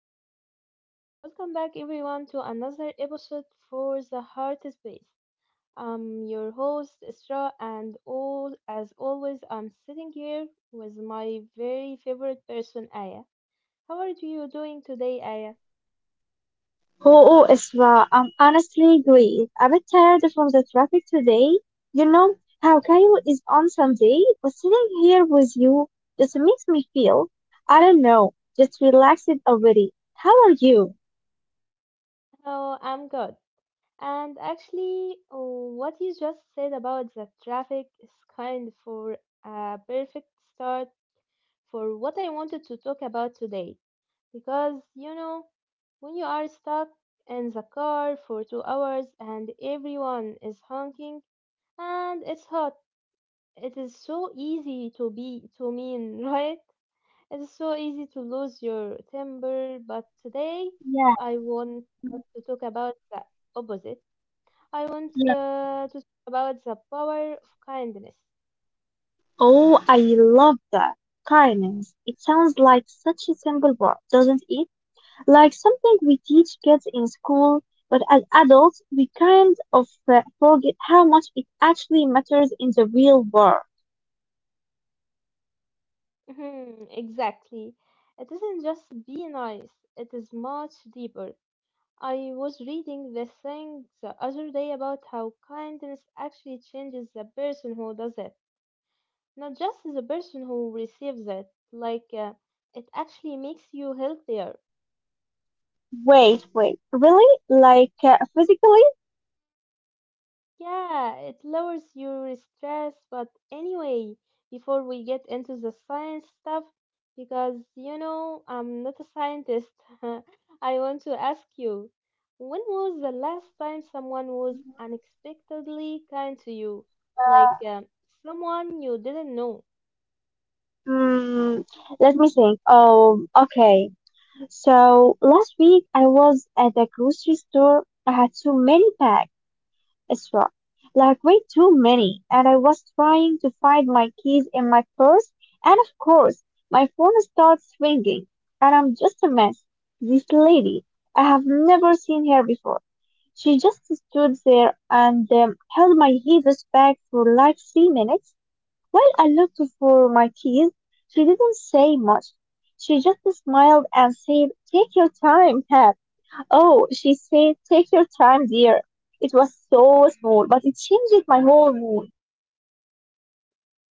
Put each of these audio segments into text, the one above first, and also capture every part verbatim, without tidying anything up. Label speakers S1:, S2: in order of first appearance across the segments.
S1: are live. Welcome back, everyone, to another episode for The Heart Space. I'm your host, Isra, and all, as always, I'm sitting here with my very favorite person, Aya. How are you doing today, Aya?
S2: Oh, oh, Isra, I'm honestly great. A bit tired from the traffic today. You know how Cairo is on Sunday, but sitting here with you just makes me feel, I don't know, just relaxed already. How are you?
S1: Oh, I'm good. And actually, oh, what you just said about the traffic is kind for a perfect start for what I wanted to talk about today. Because, you know, when you are stuck in the car for two hours and everyone is honking and it's hot, it is so easy to be to mean, right? It is so easy to lose your temper, but today
S2: Yeah.
S1: I want us
S2: Mm.
S1: to talk about the opposite. I want
S2: Yes.
S1: uh, to talk about the power of kindness.
S2: Oh, I love that. Kindness. It sounds like such a simple word, doesn't it? Like something we teach kids in school, but as adults, we kind of uh, forget how much it actually matters in the real world.
S1: Mhm, exactly. It isn't just be nice, it is much deeper. I was reading this thing the other day about how kindness actually changes the person who does it, not just the person who receives it. Like, uh, it actually makes you healthier.
S2: Wait, wait, really? Like uh, physically?
S1: Yeah, it lowers your stress. But anyway, before we get into the science stuff, because you know, I'm not a scientist, I want to ask you, when was the last time someone was unexpectedly kind to you? Like um, someone you didn't know.
S2: Mm, let me think. Oh, okay. So last week I was at the grocery store. I had so many bags. Extra. Like way too many. And I was trying to find my keys in my purse, and of course, my phone starts ringing, and I'm just a mess. This lady, I have never seen her before. She just stood there and um, held my heaviest bag for like three minutes while I looked for my keys. She didn't say much. She just smiled and said, "Take your time, Pat." Oh, she said, "Take your time, dear." It was so small, but it changed my whole mood.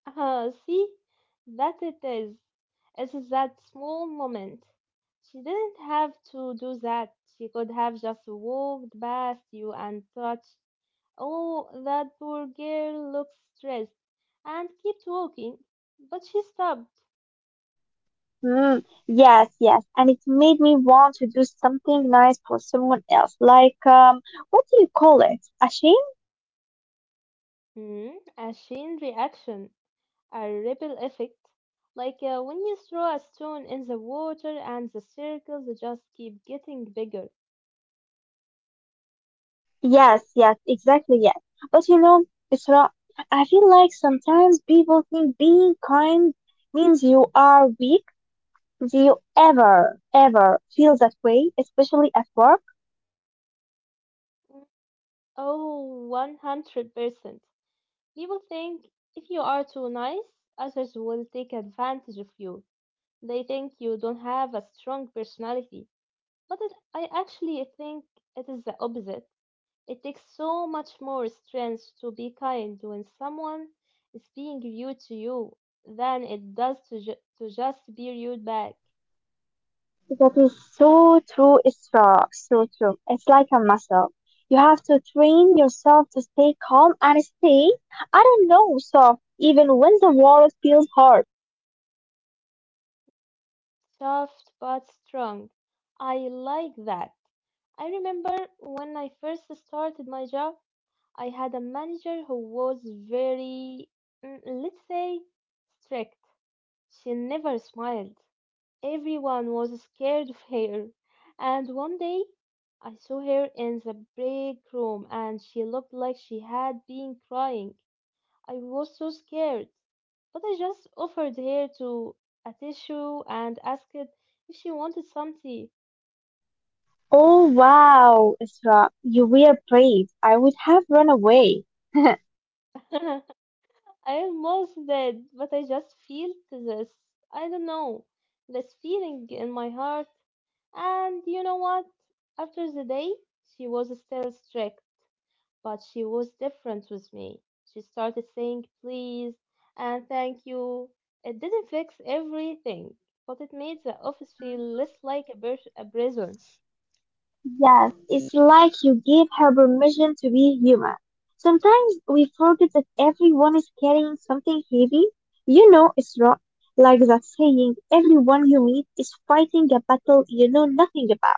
S1: Uh, see, that it is. It's that small moment. She didn't have to do that. She could have just walked past you and touched, oh, that poor girl looks stressed, and kept walking, but she stopped.
S2: Hmm. Yes, yes. And it made me want to do something nice for someone else. Like, um, what do you call it? A shame?
S1: Hmm, a chain reaction, a ripple effect. Like uh, when you throw a stone in the water and the circles just keep getting bigger.
S2: Yes, yes, exactly, yes. But you know, it's not, I feel like sometimes people think being kind means you are weak. Do you ever, ever feel that way, especially at work?
S1: Mm, Oh, one hundred percent. People think if you are too nice, others will take advantage of you. They think you don't have a strong personality. But it, I actually think it is the opposite. It takes so much more strength to be kind when someone is being rude to ju- than it does to, ju- to just be rude back.
S2: That is so true, Isra. So so true. It's like a muscle. You have to train yourself to stay calm and stay, I don't know, soft, even when the world feels hard.
S1: Soft but strong. I like that. I remember when I first started my job, I had a manager who was very, mm, let's say, strict. She never smiled. Everyone was scared of her. And one day I saw her in the break room and she looked like she had been crying. I was so scared. But I just offered her to a tissue and asked if she wanted some tea.
S2: Oh, wow, Isra. You were brave. I would have run away.
S1: I almost did, but I just felt this. I don't know. This feeling in my heart. And you know what? After the day, she was still strict. But she was different with me. She started saying please and thank you. It didn't fix everything, but it made the office feel less like a, bur- a prison.
S2: Yes, it's like you gave her permission to be human. Sometimes we forget that everyone is carrying something heavy. You know it's wrong. Like that saying, everyone you meet is fighting a battle you know nothing about.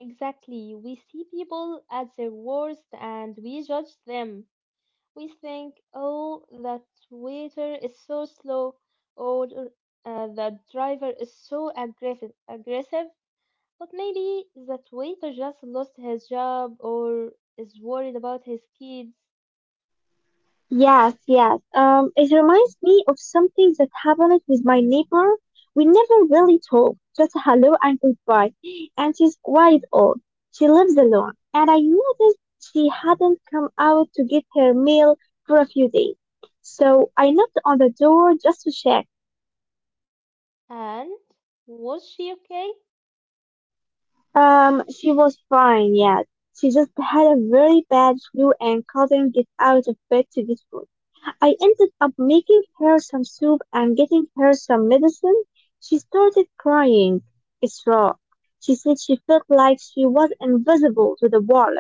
S1: Exactly. We see people at their worst and we judge them. We think, oh, that waiter is so slow, or uh, that driver is so aggressive. Aggressive. But maybe that waiter just lost his job or is worried about his kids.
S2: Yes, yes. Um, it reminds me of something that happened with my neighbor. We never really talked, just hello and goodbye. And she's quite old. She lives alone. And I noticed she hadn't come out to get her mail for a few days. So I knocked on the door just to check.
S1: And was she okay?
S2: Um, she was fine, yes. She just had a very bad flu and couldn't get out of bed to get food. I ended up making her some soup and getting her some medicine. She started crying. It's raw. She said she felt like she was invisible to the world.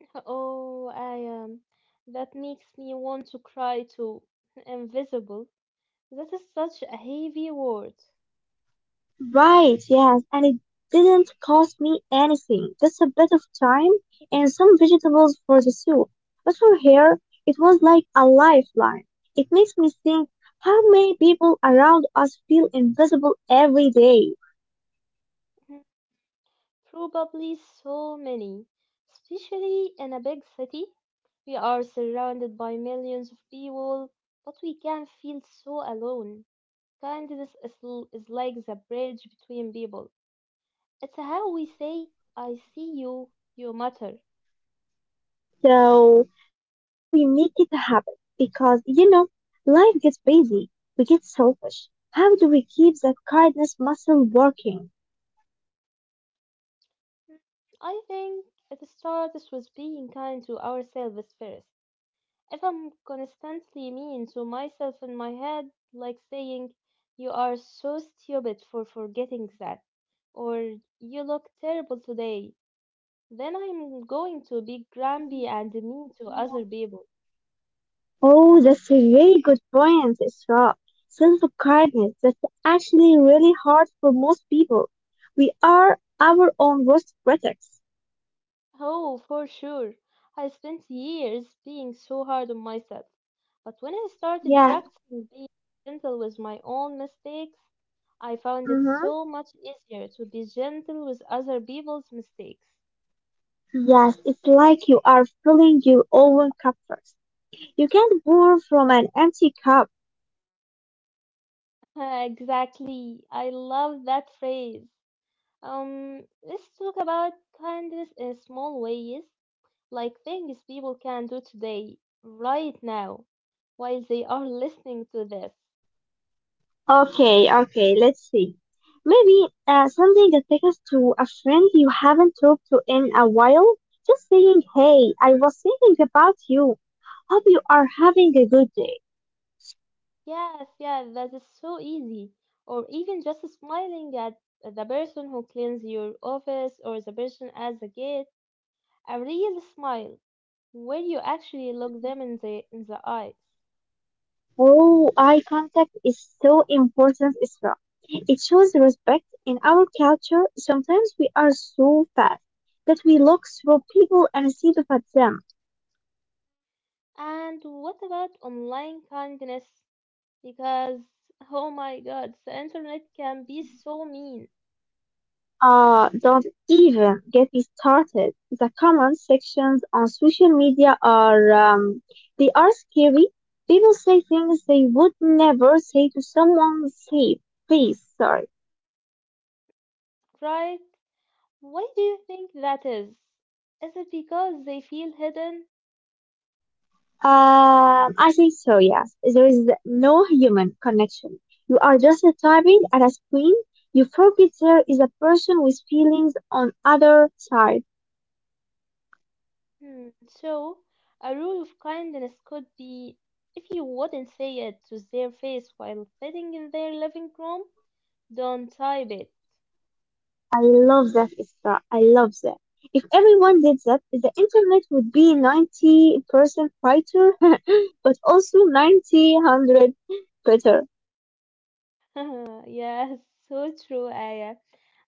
S1: Oh, I Um, that makes me want to cry too. Invisible. That is such a heavy word.
S2: Right, yes, and it didn't cost me anything, just a bit of time and some vegetables for the soup. But for her, it was like a lifeline. It makes me think how many people around us feel invisible every day.
S1: Mhm. Probably so many, especially in a big city. We are surrounded by millions of people, but we can feel so alone. Kindness is, l- is like the bridge between people. It's how we say, I see you, you matter.
S2: So, how do we make it a habit? Because, you know, life gets busy, we get selfish. How do we keep that kindness muscle working?
S1: I think at the start this was being kind to ourselves first. If I'm constantly mean to myself in my head, like saying, you are so stupid for forgetting that, or you look terrible today, then I'm going to be grumpy and mean to other people.
S2: Oh, that's a really good point, Isra. Self-kindness, that's actually really hard for most people. We are our own worst critics.
S1: Oh, for sure. I spent years being so hard on myself. But when I started
S2: Yeah.
S1: practicing being gentle with my own mistakes, I found it so
S2: Mm-hmm.
S1: much easier to be gentle with other people's mistakes.
S2: Yes, it's like you are filling your own cup first. You can't pour from an empty cup.
S1: Exactly. I love that phrase. Um, let's talk about kindness in small ways, like things people can do today, right now, while they are listening to this.
S2: Okay, okay, let's see. Maybe uh, something that happens to a friend you haven't talked to in a while. Just saying, hey, I was thinking about you. Hope you are having a good day.
S1: Yes, yeah, that is so easy. Or even just smiling at the person who cleans your office or the person at the gate. A real smile where you actually look them in the in the eyes.
S2: Oh, eye contact is so important as well. It shows respect in our culture. Sometimes we are so fast that we look through people instead of at them.
S1: And what about online kindness? Because oh my god, the internet can be so mean,
S2: Ah, don't even get me started. The comment sections on social media are, um, they are scary. People say things they would never say to someone safe. Please, sorry.
S1: right? Why do you think that is? Is it because they feel hidden?
S2: Um, I think so, yes. There is no human connection. You are just typing at a screen. You forget there is a person with feelings on other side.
S1: Hmm, so, a rule of kindness could be, if you wouldn't say it to their face while sitting in their living room, don't type it.
S2: I love that, Isra. I love that. If everyone did that, the internet would be ninety percent brighter, but also ninety, one hundred better.
S1: Yes, so true, Aya.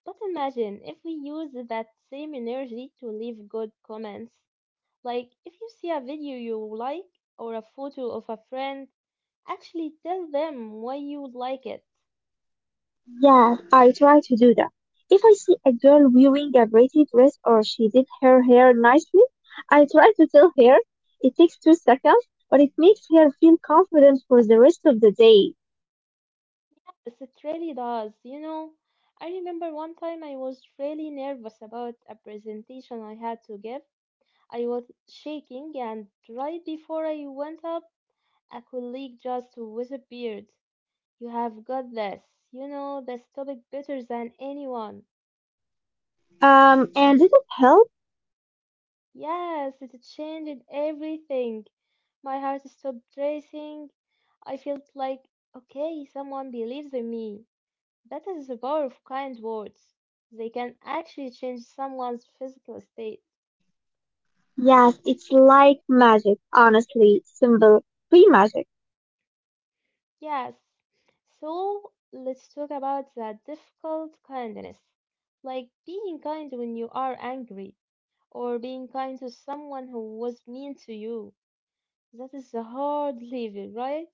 S1: But imagine if we use that same energy to leave good comments. Like, if you see a video you like or a photo of a friend, actually tell them why you like it.
S2: Yeah, I try to do that. If I see a girl wearing a pretty dress or she did her hair nicely, I try to tell her it takes two seconds, but it makes her feel confident for the rest of the day.
S1: Yes, it really does. You know, I remember one time I was really nervous about a presentation I had to give. I was shaking, and right before I went up, a colleague just whispered, you have got this. You know this topic better than anyone.
S2: Um, and did it help?
S1: Yes, it changed everything. My heart stopped racing. I felt like, okay, someone believes in me. That is the power of kind words. They can actually change someone's physical state.
S2: Yes, it's like magic, honestly, simple, free magic.
S1: Yes. So let's talk about that difficult kindness. Like being kind when you are angry, or being kind to someone who was mean to you. That is the hard level, right?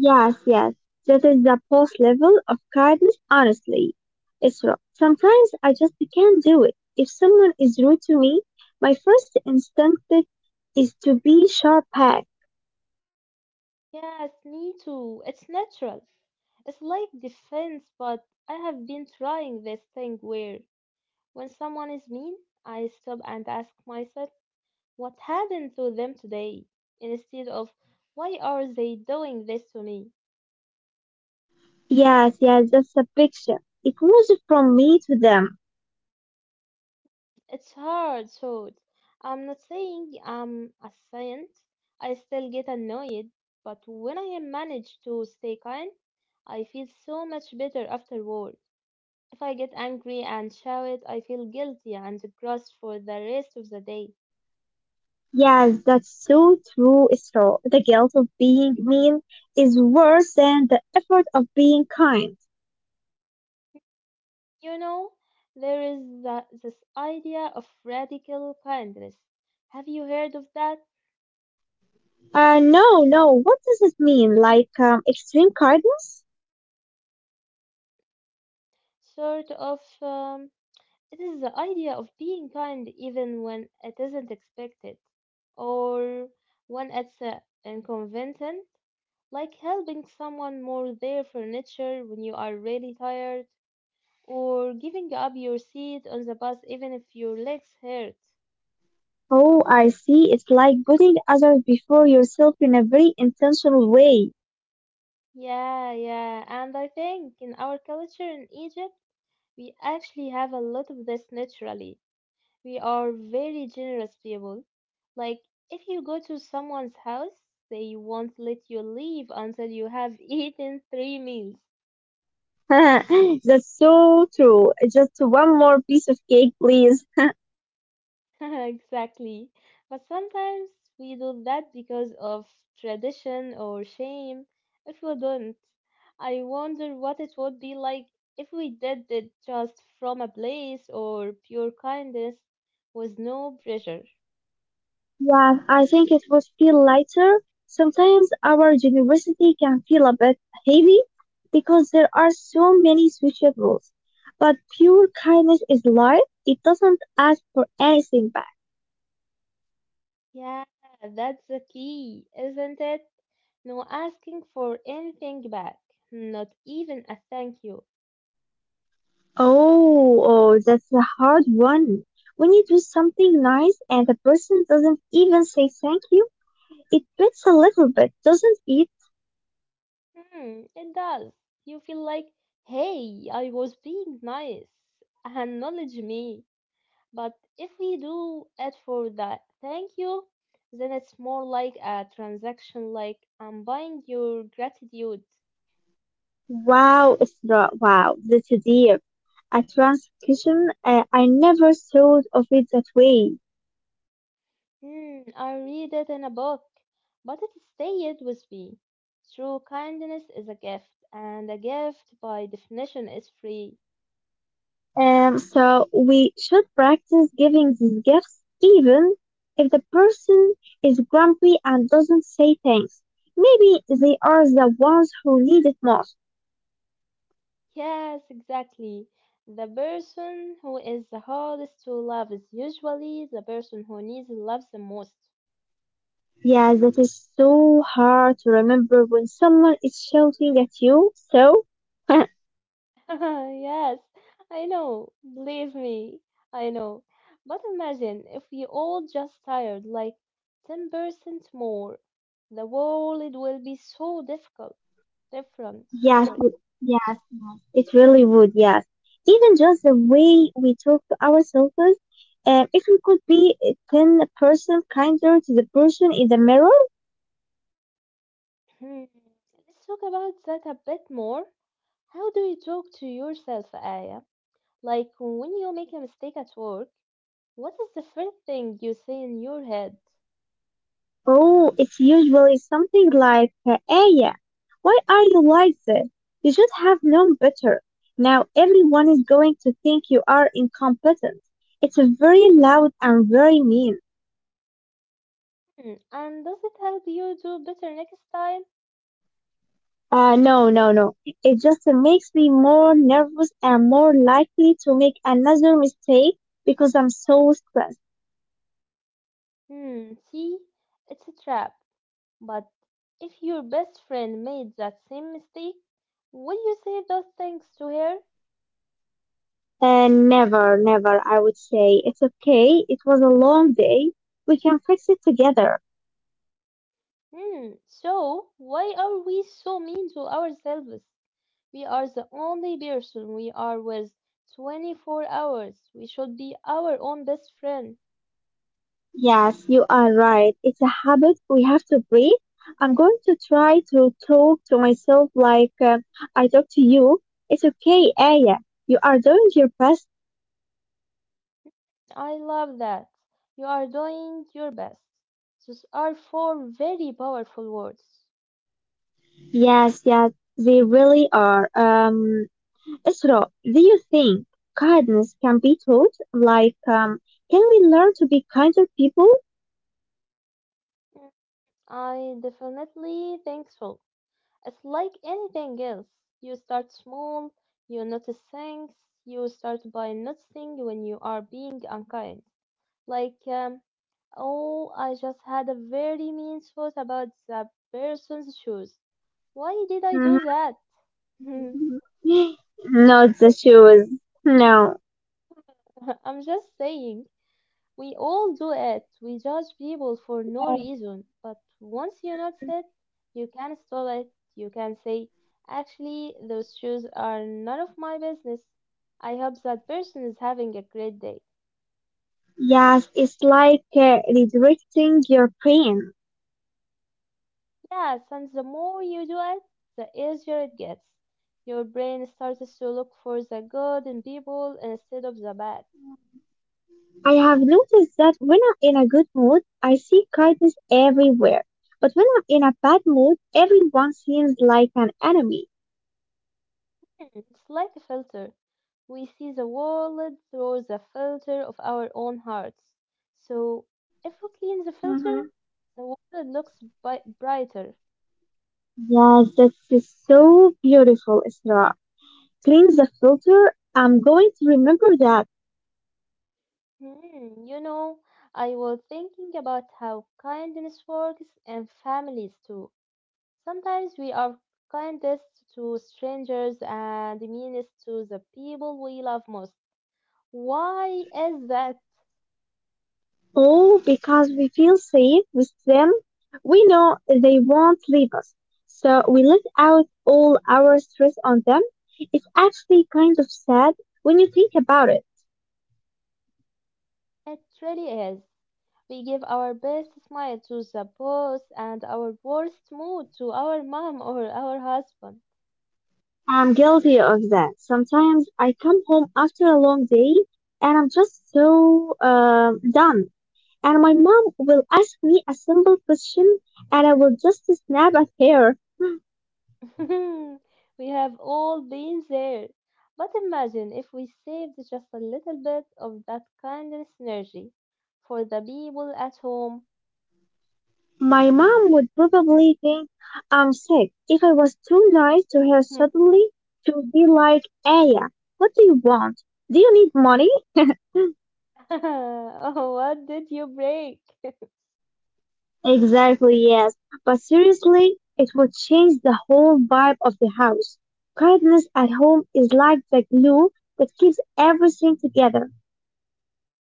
S2: Yes, yes. That is the post level of kindness, honestly. Isra, sometimes I just can't do it. If someone is rude to me, my first instinct is to be sharp back.
S1: Yes, me too. It's natural. It's like defense, but I have been trying this thing where when someone is mean, I stop and ask myself, what happened to them today instead of why are they doing this to me?
S2: Yes, yes, that's a picture. It moves from me to them.
S1: It's hard thought. I'm not saying I'm a saint. I still get annoyed, but when I manage to stay kind, I feel so much better afterward. If I get angry and shout, I feel guilty and gross for the rest of the day.
S2: Yes, that's so true, Isra. The guilt of being mean is worse than the effort of being kind.
S1: You know, there is the, this idea of radical kindness. Have you heard of that?
S2: Uh, no, no. What does it mean? Like, um, extreme kindness?
S1: Sort of. Um, It is the idea of being kind even when it isn't expected, or when it's uh, inconvenient, like helping someone move their furniture when you are really tired, or giving up your seat on the bus even if your legs hurt.
S2: Oh, I see. It's like putting others before yourself in a very intentional way.
S1: Yeah, yeah, and I think in our culture in Egypt, we actually have a lot of this naturally. We are very generous people. Like, if you go to someone's house, they won't let you leave until you have eaten three meals.
S2: That's so true. Just one more piece of cake, please.
S1: Exactly. But sometimes we do that because of tradition or shame. If we don't, I wonder what it would be like if we did it just from a place or pure kindness with no pressure.
S2: Yeah, I think it would feel lighter. Sometimes our university can feel a bit heavy because there are so many switchables. But pure kindness is light. It doesn't ask for anything back.
S1: Yeah, that's the key, isn't it? No asking for anything back, not even a thank you.
S2: Oh, oh, that's a hard one. When you do something nice and the person doesn't even say thank you, it hurts a little bit, doesn't it?
S1: Hmm, it does. You feel like, hey, I was being nice, acknowledge me. But if we do it for that thank you, then it's more like a transaction, like I'm buying your gratitude.
S2: Wow, it's not, wow, that's deep. A transcription, uh, I never thought of it that way.
S1: Hmm, I read it in a book, but it stayed with me. True kindness is a gift, and a gift by definition is free.
S2: Um, so we should practice giving these gifts even if the person is grumpy and doesn't say thanks. Maybe they are the ones who need it most.
S1: Yes, exactly. The person who is the hardest to love is usually the person who needs love the most.
S2: Yeah, that is so hard to remember when someone is shouting at you. So,
S1: Yes, I know. Believe me, I know. But imagine if we all just tired like ten percent more. The world will be so difficult, different.
S2: yes,
S1: Sorry.
S2: it- yes, yes, it really would. Yes, even just the way we talk to ourselves. Uh, if we could be ten percent kinder to the person in the mirror,
S1: Hmm. Let's talk about that a bit more. How do you talk to yourself, Aya? Like when you make a mistake at work, what is the first thing you say in your head?
S2: oh, it's usually something like, uh, "Aya, why are you like this? You should have known better." Now everyone is going to think you are incompetent. It's a very loud and very mean.
S1: Hmm, and does it help you do better next time?
S2: Uh, no, no, no. It just makes me more nervous and more likely to make another mistake because I'm so stressed.
S1: Hmm, see, it's a trap. But if your best friend made that same mistake, would you say those things to her?
S2: And never, never, I would say. It's okay. It was a long day. We can fix it together.
S1: Hmm, so why are we so mean to ourselves? We are the only person we are with twenty-four hours. We should be our own best friend.
S2: Yes, you are right. It's a habit. We have to breathe. I'm going to try to talk to myself like uh, I talk to you. It's okay, Aya. You are doing your best.
S1: I love that. You are doing your best. Those are four very powerful words.
S2: Yes, yes, they really are. Um, Isra, do you think kindness can be taught? Like, um, can we learn to be kinder people?
S1: Mm, I definitely think so. It's like anything else. You start small, you notice things, you start by noticing when you are being unkind. Like, um, oh, I just had a very mean thought about that person's shoes. Why did I do
S2: Hmm.
S1: that?
S2: Not the shoes. No.
S1: I'm just saying. We all do it. We judge people for no
S2: No.
S1: reason. But once you notice it,
S2: Mhm.
S1: you can stop it. You can say, actually, those shoes are none of my business. I hope that person is having a great day.
S2: Yes, it's like uh, redirecting your brain.
S1: Yes, and the more you do it, the easier it gets. Your brain starts to look for the good in people instead of the bad.
S2: I have noticed that when I'm in a good mood, I see kindness everywhere. But when I'm in a bad mood, everyone seems like an enemy.
S1: It's like a filter. We see the world through the filter of our own hearts. So if we clean the filter,
S2: Mhm.
S1: the world looks bi- brighter.
S2: Yes, that's so beautiful, Isra. Cleans the filter. I'm going to remember that.
S1: Hmm, you know, I was thinking about how kindness works and families too. Sometimes we are kindest to strangers and meanest to the people we love most. Why is that?
S2: Oh, because we feel safe with them. We know they won't leave us. So we let out all our stress on them. It's actually kind of sad when you think about it.
S1: It really is. We give our best smile to the boss and our worst mood to our mom or our husband.
S2: I'm guilty of that. Sometimes I come home after a long day and I'm just so um, done. And my mom will ask me a simple question and I will just snap at her.
S1: We have all been there. But imagine if we saved just a little bit of that kindness energy for the people at home.
S2: My mom would probably think I'm sick if I was too nice to her suddenly. She would be like, "Aya, what do you want? Do you need money?"
S1: Oh, what did you break?
S2: Exactly, yes. But seriously, it would change the whole vibe of the house. Kindness at home is like the glue that keeps everything together.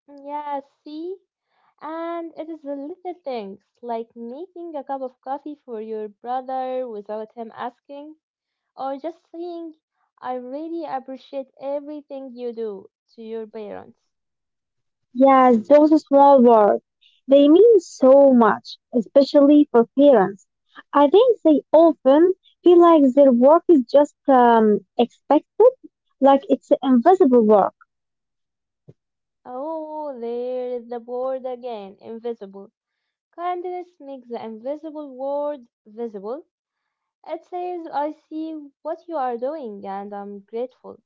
S1: Yeah, see? And it is the little things, like making a cup of coffee for your brother without him asking, or just saying, I really appreciate everything you do to your parents.
S2: Yes, those small words. They mean so much, especially for parents. I think they often feel like their work is just um, expected, like it's invisible work.
S1: Oh, there is the word again, invisible. Kindness makes the invisible word visible. It says, I see what you are doing and I'm grateful.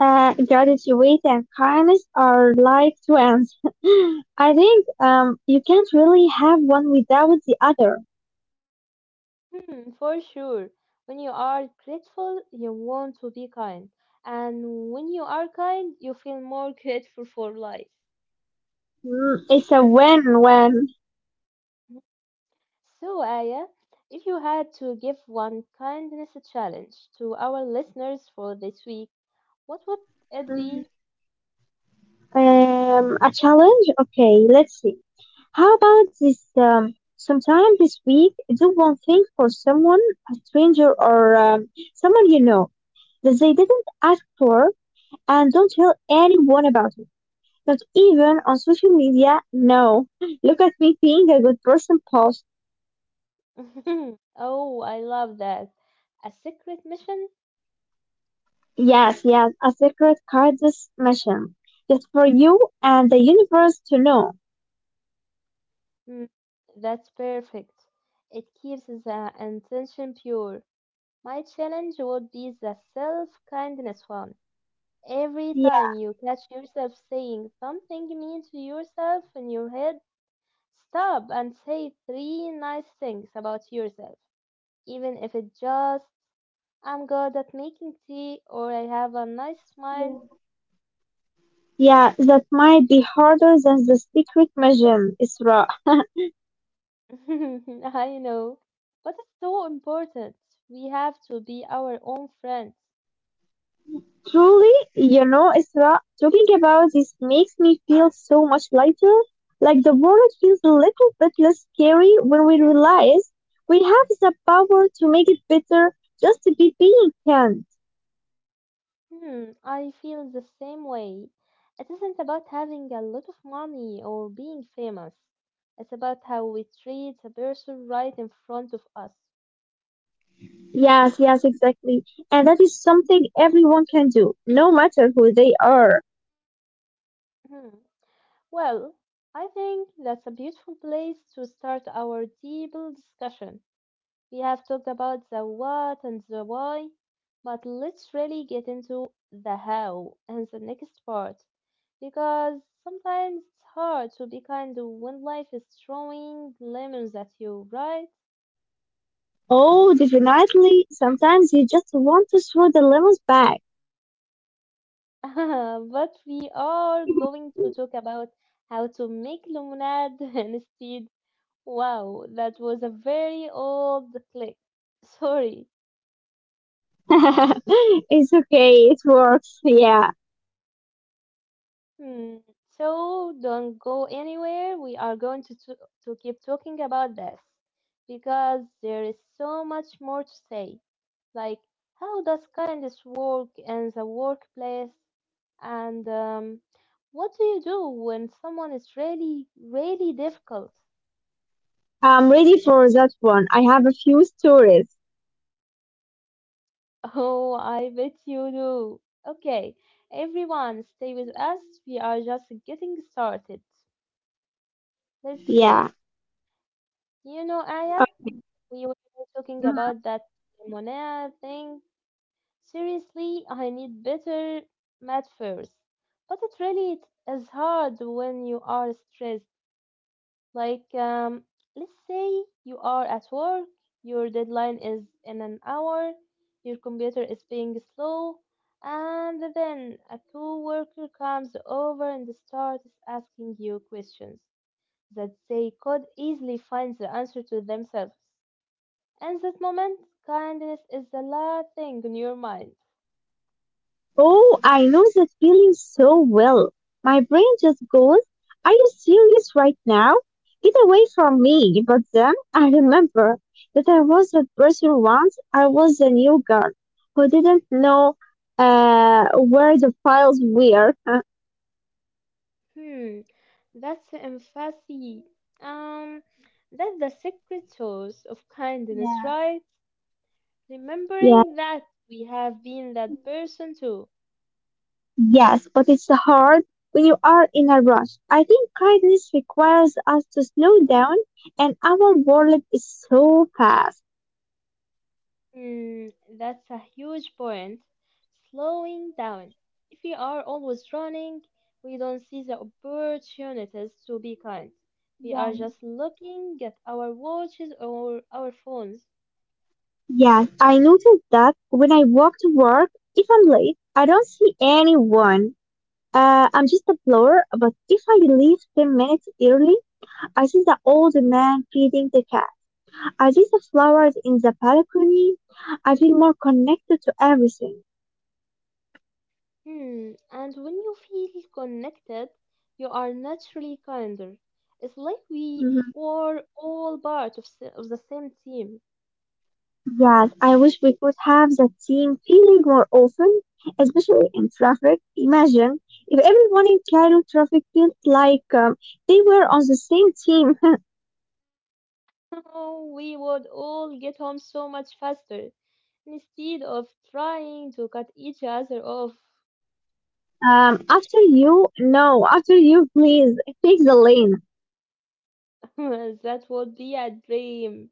S2: Uh, gratitude and kindness are like twins. I think um, you can't really have one without the other.
S1: Hmm, for sure. When you are grateful, you want to be kind. And when you are kind, you feel more grateful for life.
S2: Mm, it's a win-win.
S1: So, Aya, if you had to give one kindness challenge to our listeners for this week, what would it
S2: Mhm.
S1: be?
S2: Um, a challenge? Okay, let's see. How about this um, sometime this week? Do one thing for someone, a stranger or um, someone you know, that they didn't ask for, and don't tell anyone about it. Not even on social media. No. Look at me being a good person post.
S1: Oh, I love that. A secret mission?
S2: Yes, yes, a secret kindness mission. Just for you and the universe to know.
S1: Hmm, that's perfect. It keeps the intention pure. My challenge would be the self kindness one. Every time
S2: Yeah.
S1: you catch yourself saying something mean to yourself in your head, stop and say three nice things about yourself, even if it just I'm good at making tea or I have a nice smile.
S2: Yeah, that might be harder than the secret mission, Isra.
S1: I know. But it's so important. We have to be our own friends.
S2: Truly, you know, Isra, talking about this makes me feel so much lighter. Like the world feels a little bit less scary when we realize we have the power to make it better just to be being kind.
S1: Hmm, I feel the same way. It isn't about having a lot of money or being famous. It's about how we treat a person right in front of us.
S2: Yes, yes, exactly. And that is something everyone can do, no matter who they are.
S1: Hmm. Well, I think that's a beautiful place to start our deep discussion. We have talked about the what and the why, but let's really get into the how and the next part, because sometimes it's hard to be kind when life is throwing lemons at you, right?
S2: Oh, definitely. Sometimes you just want to throw the lemons back.
S1: But we are going to talk about how to make lemonade instead. Wow, that was a very old click. Sorry.
S2: It's okay, it works. Yeah.
S1: Hmm. So don't go anywhere. We are going to, to to keep talking about this because there is so much more to say. Like, how does kindness work in the workplace, and um, what do you do when someone is really really difficult?
S2: I'm ready for that one. I have a few stories.
S1: Oh, I bet you do. Okay, everyone, stay with us. We are just getting started. Let's go.
S2: Yeah.
S1: You know, Aya.
S2: Okay.
S1: We were talking
S2: Mhm.
S1: about that Monea thing. Seriously, I need better math first. But it really is hard when you are stressed. Like, um, let's say you are at work, your deadline is in an hour, your computer is being slow, and then a coworker comes over and starts asking you questions that they could easily find the answer to themselves. In that moment, kindness is the last thing on your mind.
S2: Oh, I know that feeling so well. My brain just goes, "Are you serious right now? Get away from me." But then I remember that I was that person once. I was a new girl who didn't know uh, where the files were.
S1: Hmm, that's empathy. Um, that's the secret source of kindness,
S2: Yeah.
S1: right? Remembering
S2: Yeah.
S1: that we have been that person too.
S2: Yes, but it's hard when you are in a rush. I think kindness requires us to slow down, and our world is so fast.
S1: Hmm, that's a huge point. Slowing down. If we are always running, we don't see the opportunities to be kind. We are
S2: Yeah.
S1: just looking at our watches or our phones.
S2: Yes, I noticed that when I walk to work, if I'm late, I don't see anyone. Uh, I'm just a blower, but if I leave ten minutes early, I see the old man feeding the cat. I see the flowers in the balcony. I feel more connected to everything.
S1: Hmm, and when you feel connected, you are naturally kinder. It's like we are all part of, s- of the same team.
S2: Yes, I wish we could have that same feeling more often, especially in traffic. Imagine if everyone in Cairo traffic felt like um, they were on the same team.
S1: Oh, we would all get home so much faster instead of trying to cut each other off.
S2: um, after you, no, after you, please take the lane.
S1: That would be a dream.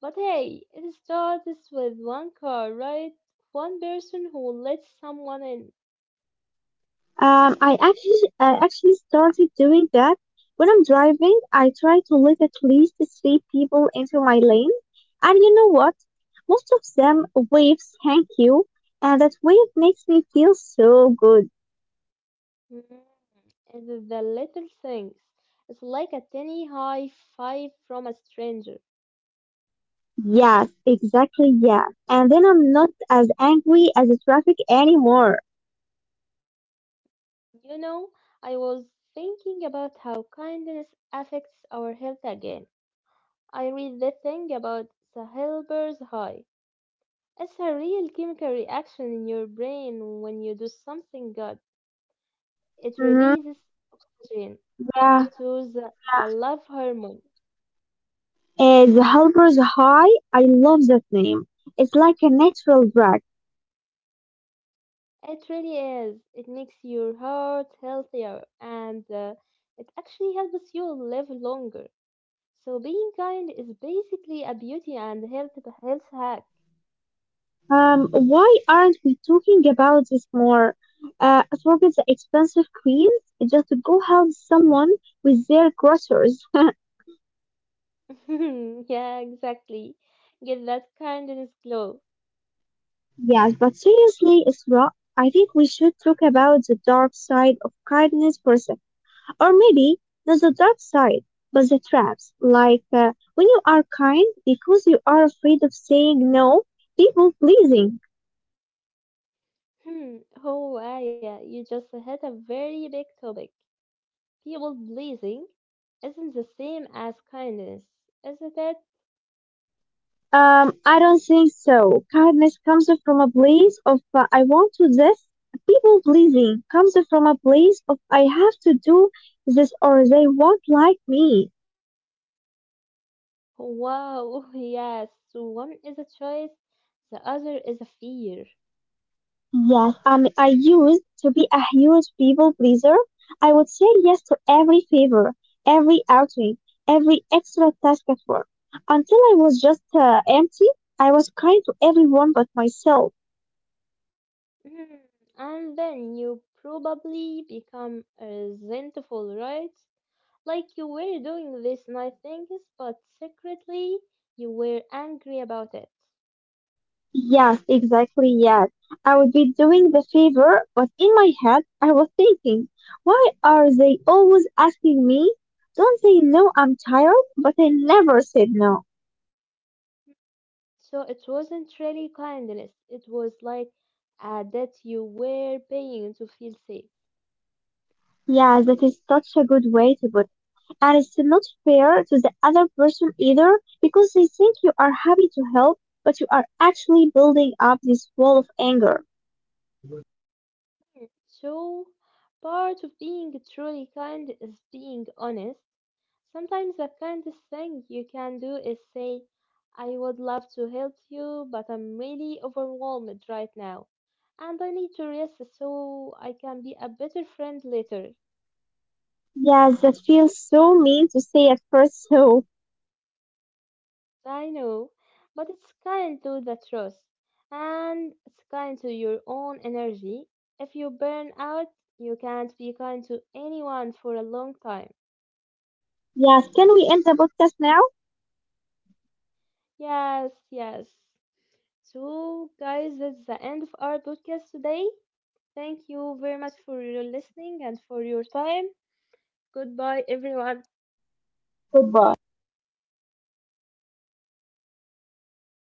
S1: But hey, it starts with one car, right? One person who lets someone in.
S2: Um, I actually I actually started doing that when I'm driving. I try to let at least three people into my lane, and you know what? Most of them waves thank you, and that wave makes me feel so good.
S1: Mm, and the little things. It's like a tiny high five from a stranger.
S2: Yes, exactly, yeah. And then I'm not as angry as the traffic anymore.
S1: You know, I was thinking about how kindness affects our health again. I read the thing about the helper's high. It's a real chemical reaction in your brain when you do something good. It
S2: Mm-hmm.
S1: releases oxygen
S2: Yeah,
S1: to the, the
S2: yeah.
S1: love hormone.
S2: Uh, the helper's high, I love that name. It's like a natural drag.
S1: It really is. It makes your heart healthier and uh, it actually helps you live longer. So being kind is basically a beauty and health health hack.
S2: Um, why aren't we talking about this more? Uh, forget the expensive queens, just to go help someone with their groceries.
S1: Yeah, exactly. Get that kindness glow.
S2: Yes, but seriously, Isra, I think we should talk about the dark side of kindness for a or maybe there's a dark side, but the traps, like uh, when you are kind because you are afraid of saying no, people pleasing.
S1: Hmm. Oh, Aya, you just hit a very big topic. People pleasing isn't the same as kindness, isn't it?
S2: Um, I don't think so. Kindness comes from a place of uh, I want to this. People pleasing comes from a place of I have to do this or they won't like me.
S1: Wow, yes. One is a choice, the other is a fear.
S2: Yes, and I used to be a huge people pleaser. I would say yes to every favor, every outing, every extra task at work. Until I was just uh, empty, I was kind to everyone but myself.
S1: Mm, and then you probably become resentful, right? Like you were doing these nice things, but secretly you were angry about it.
S2: Yes, exactly, yes. I would be doing the favor, but in my head, I was thinking, why are they always asking me? Don't they know I'm tired? But I never said no.
S1: So it wasn't really kindness, it was like uh, that you were paying to feel safe.
S2: Yeah, that is such a good way to put and it's not fair to the other person either because they think you are happy to help, but you are actually building up this wall of anger.
S1: So part of being truly kind is being honest. Sometimes the kindest thing you can do is say, I would love to help you, but I'm really overwhelmed right now, and I need to rest so I can be a better friend later.
S2: Yes, that feels so mean to say at first. So,
S1: I know, but it's kind to the truth, and it's kind to your own energy. If you burn out, you can't be kind to anyone for a long time.
S2: yes, can we end the podcast now?
S1: Yes, yes. So, guys, that's the end of our podcast today. Thank you very much for your listening and for your time. Goodbye, everyone.
S2: Goodbye.